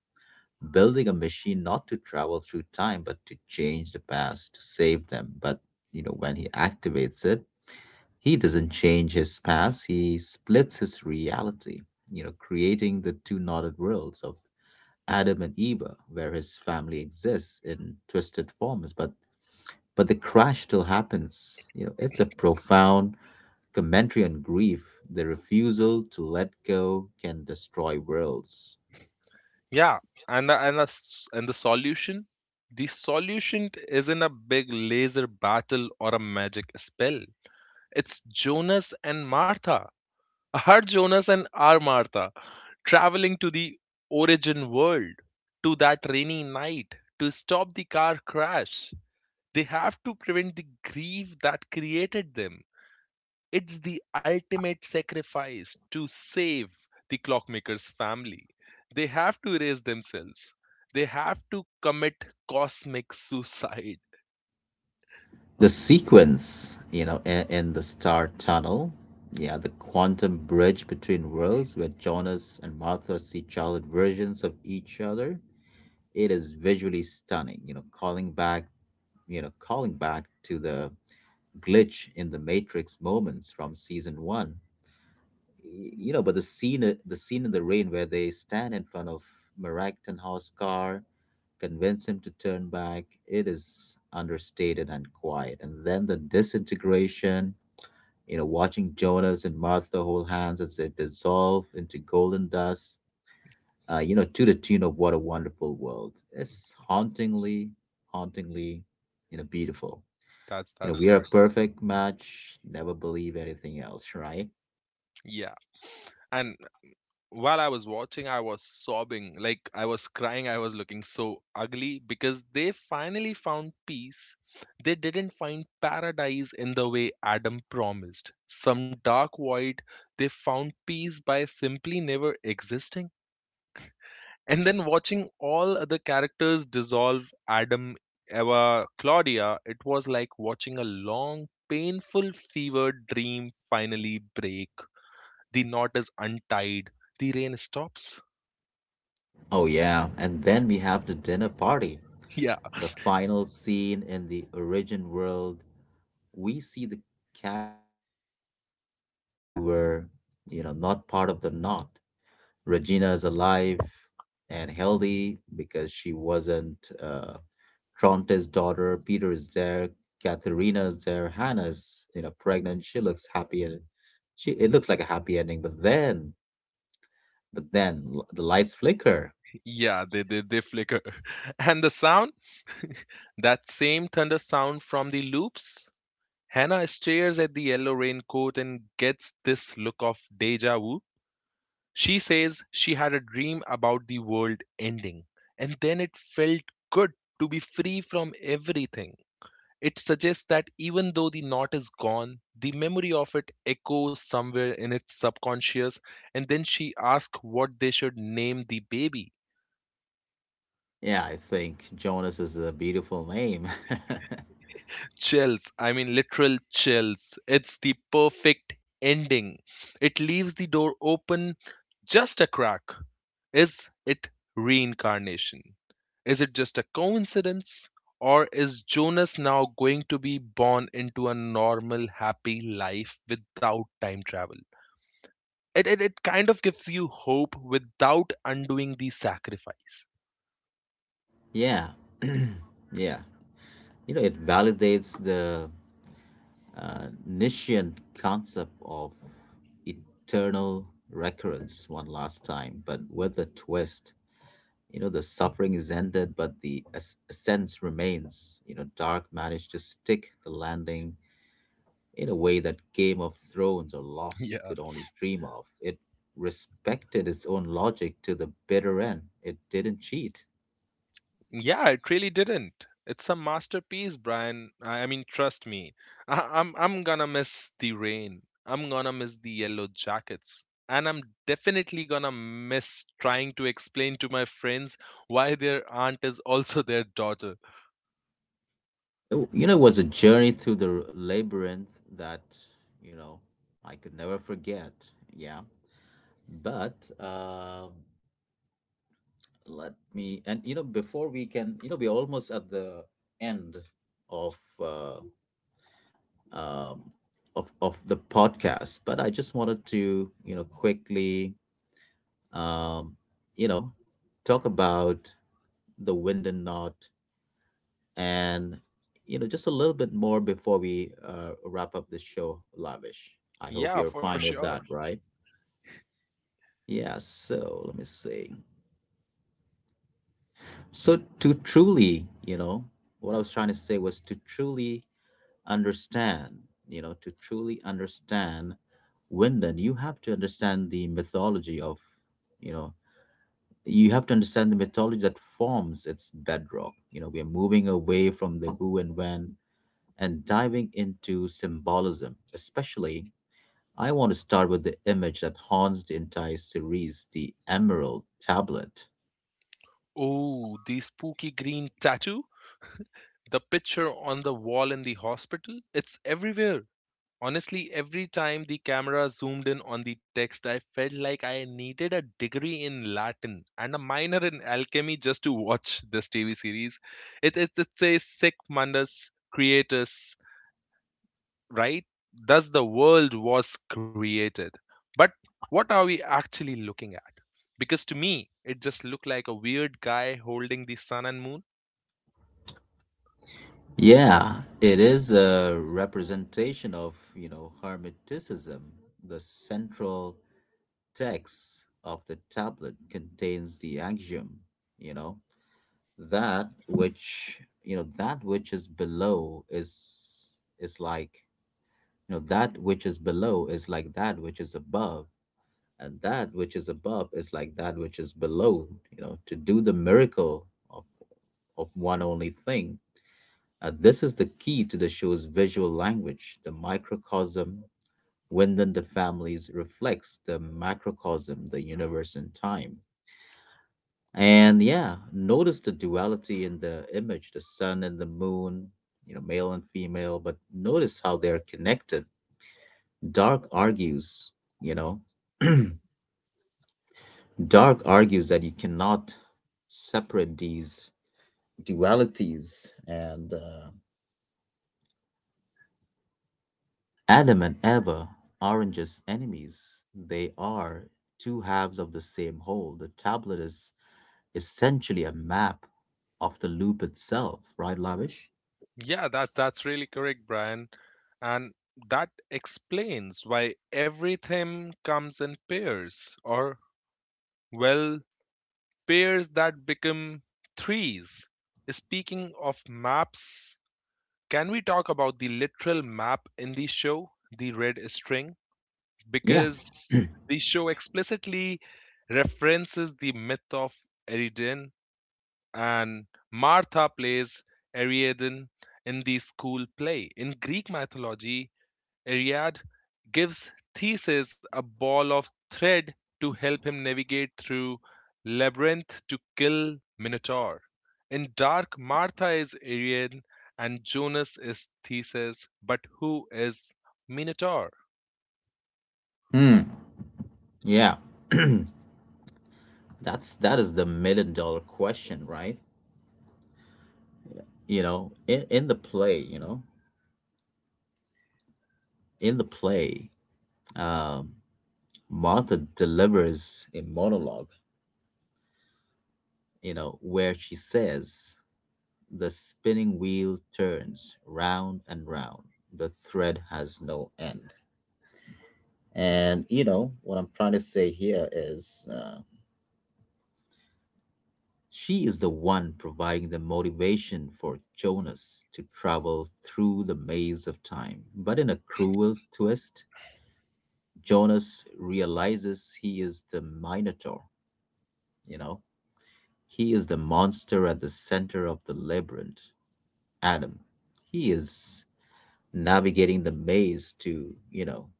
S1: building a machine, not to travel through time, but to change the past, to save them. But, you know, when he activates it, he doesn't change his past, he splits his reality, you know, creating the two knotted worlds of Adam and Eve, where his family exists in twisted forms, but the crash still happens. You know, it's a profound commentary on grief. The refusal to let go can destroy worlds.
S2: Yeah, and the solution? The solution isn't a big laser battle or a magic spell. It's Jonas and Martha. Are Jonas and are Martha traveling to the origin world, to that rainy night, to stop the car crash? They have to prevent the grief that created them. It's the ultimate sacrifice to save the clockmaker's family. They have to erase themselves. They have to commit cosmic suicide.
S1: The sequence, in the Star Tunnel, yeah, the quantum bridge between worlds where Jonas and Martha see childhood versions of each other, it is visually stunning, calling back to the glitch in the matrix moments from season 1. But the scene, the scene in the rain where they stand in front of Maracton House car, convince him to turn back, it is understated and quiet. And then the disintegration, watching Jonas and Martha hold hands as they dissolve into golden dust, to the tune of What a Wonderful World. It's hauntingly, hauntingly, beautiful.
S2: That's
S1: We
S2: that's
S1: are a
S2: correct.
S1: perfect match. Never believe anything else, right?
S2: Yeah. And while I was watching, I was sobbing, like I was crying, I was looking so ugly because they finally found peace. They didn't find paradise in the way Adam promised. Some dark void, they found peace by simply never existing. And then watching all other characters dissolve, Adam, Eva, Claudia, it was like watching a long, painful, fever dream finally break. The knot is untied, the rain stops.
S1: Oh, yeah. And then we have the dinner party, the final scene in the origin world. We see the characters who survived, the ones who were not part of the knot. Regina is alive and healthy because she wasn't Tronte's daughter. Peter is there, Katharina is there, Hannah is, pregnant. She looks happy, and she it looks like a happy ending, but then the lights flicker.
S2: Yeah, they flicker. And the sound? That same thunder sound from the loops? Hannah stares at the yellow raincoat and gets this look of deja vu. She says she had a dream about the world ending, and then it felt good to be free from everything. It suggests that even though the knot is gone, the memory of it echoes somewhere in its subconscious, and then she asks what they should name the baby.
S1: Yeah, I think Jonas is a beautiful name.
S2: Chills. I mean, literal chills. It's the perfect ending. It leaves the door open just a crack. Is it reincarnation? Is it just a coincidence? Or is Jonas now going to be born into a normal, happy life without time travel? It kind of gives you hope without undoing the sacrifice.
S1: Yeah. Yeah. It validates the Nietzschean concept of eternal recurrence one last time, but with a twist. The suffering is ended, but the ascent remains. Dark managed to stick the landing in a way that Game of Thrones or Lost could only dream of. It respected its own logic to the bitter end. It didn't cheat.
S2: Yeah, it really didn't. It's a masterpiece, Brian. I mean, trust me. I'm gonna miss the rain. I'm gonna miss the yellow jackets. And I'm definitely gonna miss trying to explain to my friends why their aunt is also their daughter.
S1: It was a journey through the labyrinth that, you know, I could never forget. Yeah. But let me, and before we can, we're almost at the end of um, of the podcast, but I just wanted to quickly um, you know talk about the wind and knot, and just a little bit more before we wrap up the show, Lavish. I hope
S2: Yeah,
S1: you're, yeah,
S2: for
S1: fine of with of
S2: sure.
S1: that, course, right? Yeah. So let me see. So to truly what I was trying to say was to truly understand understand Winden, you have to understand the mythology of, you know you have to understand the mythology that forms its bedrock. We are moving away from the who and when, and diving into symbolism. Especially, I want to start with the image that haunts the entire series, the emerald tablet.
S2: Oh, the spooky green tattoo, the picture on the wall in the hospital, it's everywhere. Honestly, every time the camera zoomed in on the text, I felt like I needed a degree in Latin and a minor in alchemy just to watch this TV series. It says sic mundus creatus, right? Thus the world was created. But what are we actually looking at? Because to me, it just looked like a weird guy holding the sun and moon.
S1: Yeah, it is a representation of, Hermeticism. The central text of the tablet contains the axiom, you know, that which is below is like, that which is below is like that which is above, and that which is above is like that which is below, to do the miracle of, one only thing. This is the key to the show's visual language. The microcosm within the families reflects the macrocosm, the universe and time. And yeah, notice the duality in the image, the sun and the moon, male and female, but notice how they're connected. Dark argues, you know, Dark argues that you cannot separate these dualities, and Adam and Eva aren't just enemies, they are two halves of the same whole. The tablet is essentially a map of the loop itself, right, Lavish?
S2: Yeah, that's really correct, Brian. And that explains why everything comes in pairs or well, pairs that become threes. Speaking of maps, can we talk about the literal map in the show, the red string?
S1: Yeah.
S2: Because the show explicitly references the myth of eridan and Martha plays Ariadne in the school play. In Greek mythology, Ariadne gives Theseus a ball of thread to help him navigate through labyrinth to kill Minotaur. In Dark, Martha is Ariadne and Jonas is Theseus, but who is Minotaur?
S1: Hmm. Yeah, that is the million dollar question, right? In the play, in the play, um, Martha delivers a monologue, where she says, "The spinning wheel turns round and round. The thread has no end." And what I'm trying to say here is, she is the one providing the motivation for Jonas to travel through the maze of time. But in a cruel twist, Jonas realizes he is the Minotaur, you know? He is the monster at the center of the labyrinth, Adam. He is navigating the maze to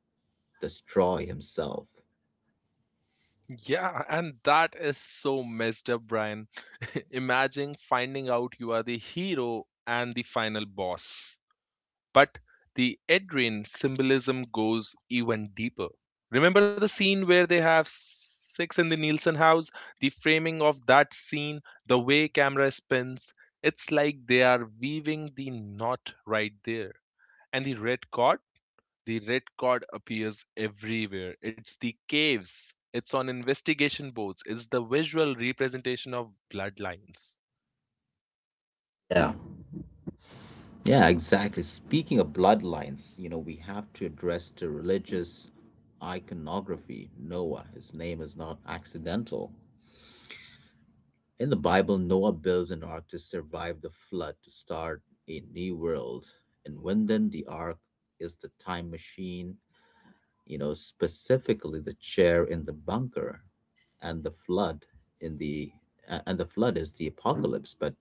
S1: destroy himself.
S2: Yeah, and that is so messed up, Brian. Imagine finding out you are the hero and the final boss. But the Edrin symbolism goes even deeper. Remember the scene where they have sex in the Nielsen house? The framing of that scene, the way camera spins, it's like they are weaving the knot right there. And the red cord? The red cod appears everywhere. It's the caves, it's on investigation boards, it's the visual representation of bloodlines.
S1: Yeah. Yeah, exactly. Speaking of bloodlines, we have to address the religious iconography. Noah, his name is not accidental. In the Bible, Noah builds an ark to survive the flood to start a new world. In Winden, the ark is the time machine, specifically the chair in the bunker. And the flood in the a- and the flood is the apocalypse, but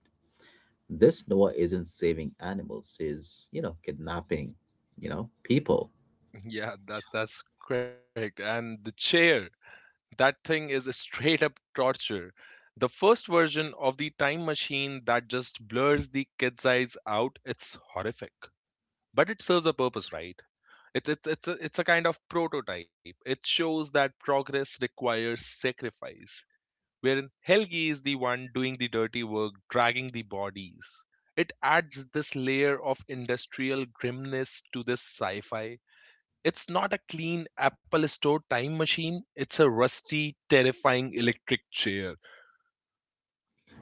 S1: this Noah isn't saving animals, he's kidnapping people.
S2: Yeah, that's correct. And the chair, that thing is a straight up torture. The first version of the time machine that just blurs the kids' eyes out, it's horrific. But it serves a purpose, right? It's a kind of prototype. It shows that progress requires sacrifice. Wherein Helgi is the one doing the dirty work, dragging the bodies. It adds this layer of industrial grimness to this sci fi. It's not a clean Apple Store time machine, it's a rusty, terrifying electric chair.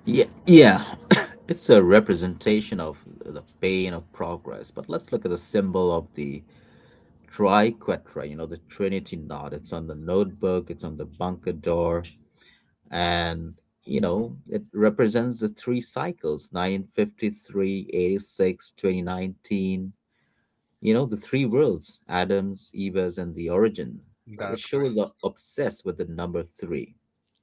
S1: Yeah, yeah. It's a representation of the pain of progress. But let's look at the symbol of the triquetra, the Trinity knot. It's on the notebook, it's on the bunker door, and it represents the three cycles: 1953, '86, 2019. The three worlds: Adam's, Eva's, and the origin. So the
S2: That's
S1: show
S2: correct.
S1: is obsessed with the number three.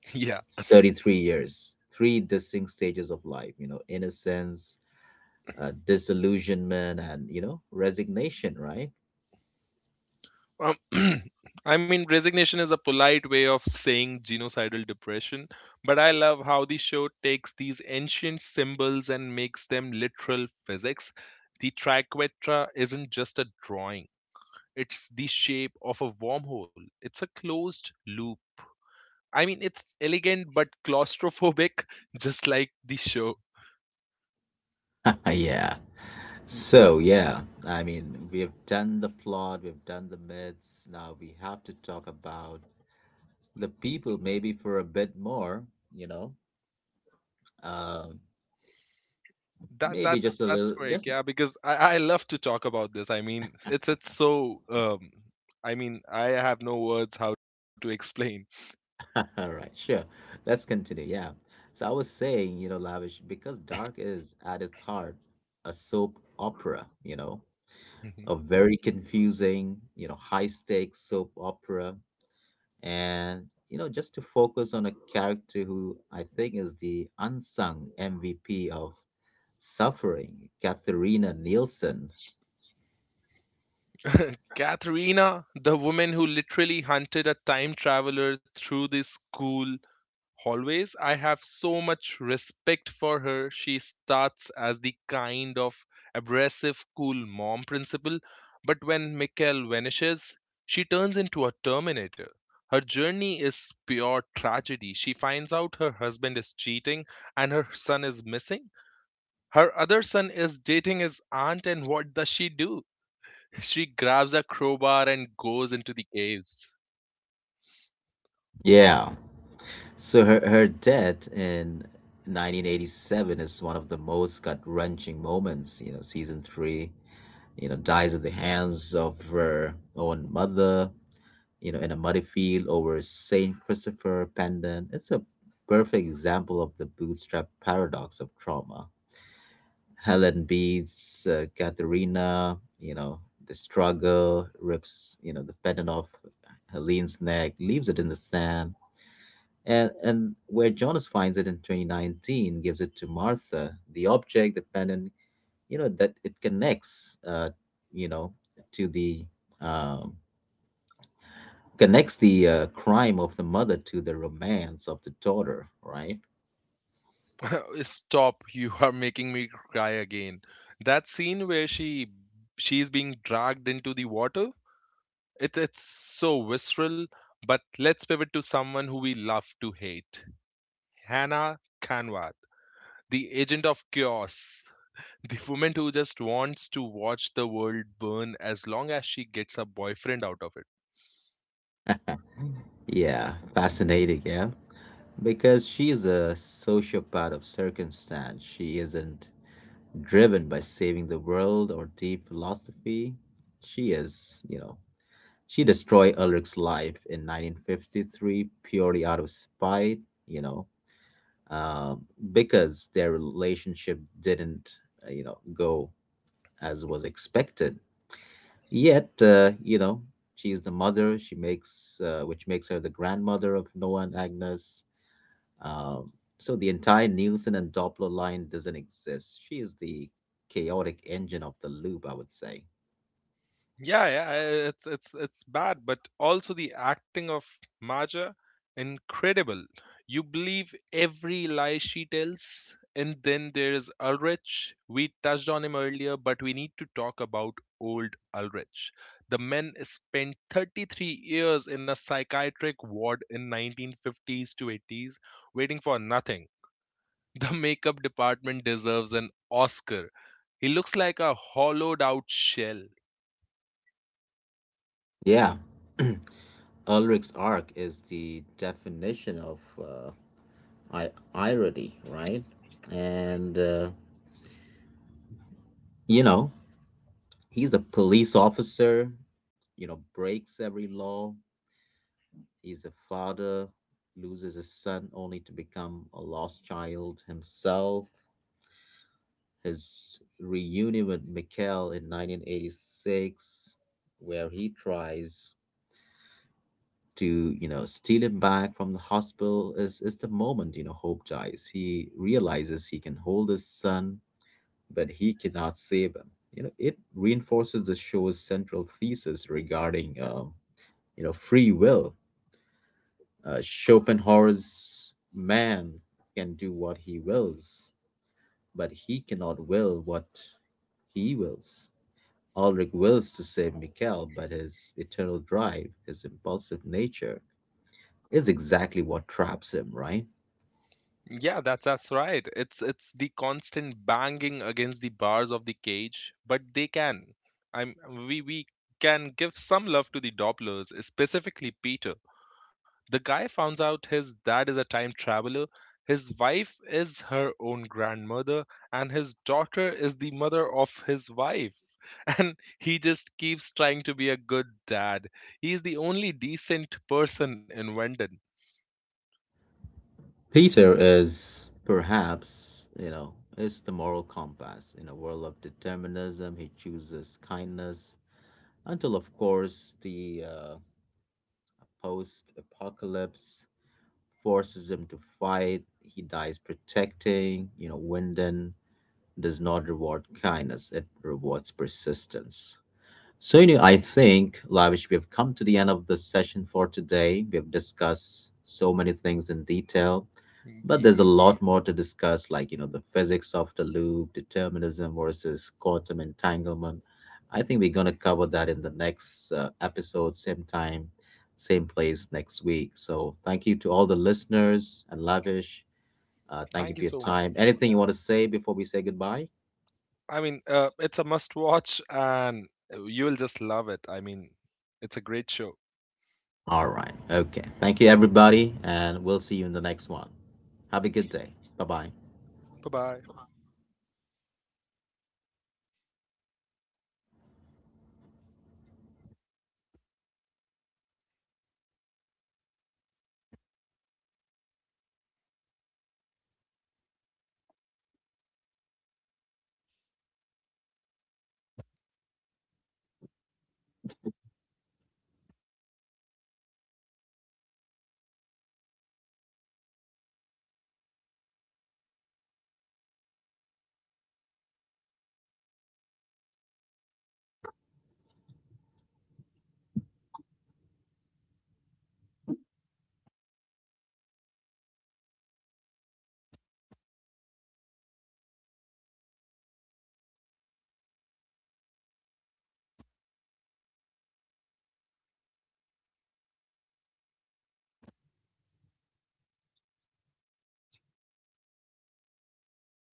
S2: Yeah.
S1: 33 years, three distinct stages of life: innocence, disillusionment, and resignation, right?
S2: Um, I mean, resignation is a polite way of saying genocidal depression, but I love how the show takes these ancient symbols and makes them literal physics. The triquetra isn't just a drawing, it's the shape of a wormhole, it's a closed loop. I mean, it's elegant but claustrophobic, just like the show.
S1: Yeah. So, yeah, I mean, we have done the plot, we've done the myths. Now we have to talk about the people maybe for a bit more, you know, uh,
S2: That that
S1: maybe just a
S2: that's
S1: little,
S2: great,
S1: just
S2: yeah, because I love to talk about this. I mean, it's so I mean, I have no words how to explain.
S1: All right, sure. Let's continue. Yeah. So I was saying, Lavish, because Dark is at its heart a soap opera,
S2: Mhm.
S1: a very confusing, high stakes soap opera. And, just to focus on a character who I think is the unsung MVP of suffering, Katharina Nielsen.
S2: Katharina, the woman who literally hunted a time traveler through the school. Always, I have so much respect for her. She starts as the kind of abrasive, cool mom principle, but when Mikkel vanishes, she turns into a Terminator. Her journey is pure tragedy. She finds out her husband is cheating and her son is missing. Her other son is dating his aunt, and what does she do? She grabs a crowbar and goes into the caves.
S1: Yeah. So her death in 1987 is one of the most gut wrenching moments, season 3. Dies at the hands of her own mother in a muddy field over St. Christopher pendant. It's a perfect example of the bootstrap paradox of trauma. Helen beats Katerina, the struggle rips the pendant off Helene's neck, leaves it in the sand. And where Jonas finds it in 2019, gives it to Martha. The object, the pendant, that it connects you know to the um connects the crime of the mother to the romance of the daughter, right?
S2: Stop. You are making me cry again. That scene where she's being dragged into the water, it, it's so visceral. But let's pivot to someone who we love to hate, Hannah Kanwat, the agent of chaos. The woman who just wants to watch the world burn as long as she gets a boyfriend out of it.
S1: Yeah, fascinating, yeah, because she's a sociopath of circumstance. She isn't driven by saving the world or deep philosophy. She is you know she destroyed Ulrich's life in 1953 purely out of spite. you know uh, because their relationship didn't, go as was expected. Yet, she is the mother. Which makes her the grandmother of Noah and Agnes. Um, so the entire Nielsen and Doppler line doesn't exist. She is the chaotic engine of the loop, I would say.
S2: Yeah, yeah, it's bad, but also the acting of Maja, incredible. You believe every lie she tells, and then there's Ulrich. We touched on him earlier, but we need to talk about old Ulrich. The man spent 33 years in a psychiatric ward in 1950s to 80s, waiting for nothing. The makeup department deserves an Oscar. He looks like a hollowed out shell.
S1: Yeah, Ulrich's arc is the definition of irony, right? And you know He's a police officer, breaks every law. He's a father, loses his son only to become a lost child himself. His reunion with Mikhail in 1986, where he tries to steal him back from the hospital, is the moment hope dies. He realizes he can hold his son, but he cannot save him. It reinforces the show's central thesis regarding free will. Schopenhauer's man can do what he wills, but he cannot will what he wills. Ulrich wills to save Mikkel, but his eternal drive, his impulsive nature, is exactly what traps him, right?
S2: Yeah, that's right. It's the constant banging against the bars of the cage, but they can. I'm we can give some love to the Dopplers, specifically Peter. The guy finds out his dad is a time traveler, his wife is her own grandmother, and his daughter is the mother of his wife. And he just keeps trying to be a good dad. He's the only decent person in Wendon.
S1: Peter is perhaps, you know, is the moral compass. In a world of determinism, he chooses kindness until, of course, the post apocalypse forces him to fight. He dies protecting. Winden does not reward kindness, it rewards persistence. So I think, Lavish, we have come to the end of the session for today. We have discussed so many things in detail, but
S2: Yeah,
S1: there's a lot more to discuss, like the physics of the loop, determinism versus quantum entanglement. I think we're going to cover that in the next episode, same time, same place next week. So, thank you to all the listeners and Lavish. Thank you
S2: thank you
S1: for your
S2: so much.
S1: time. Anything you want to say before we say goodbye?
S2: I mean, it's a must watch and you will just love it. I mean, it's a great show.
S1: All right. Okay. Thank you, everybody. And we'll see you in the next one. Have a good day. Bye bye.
S2: Bye bye.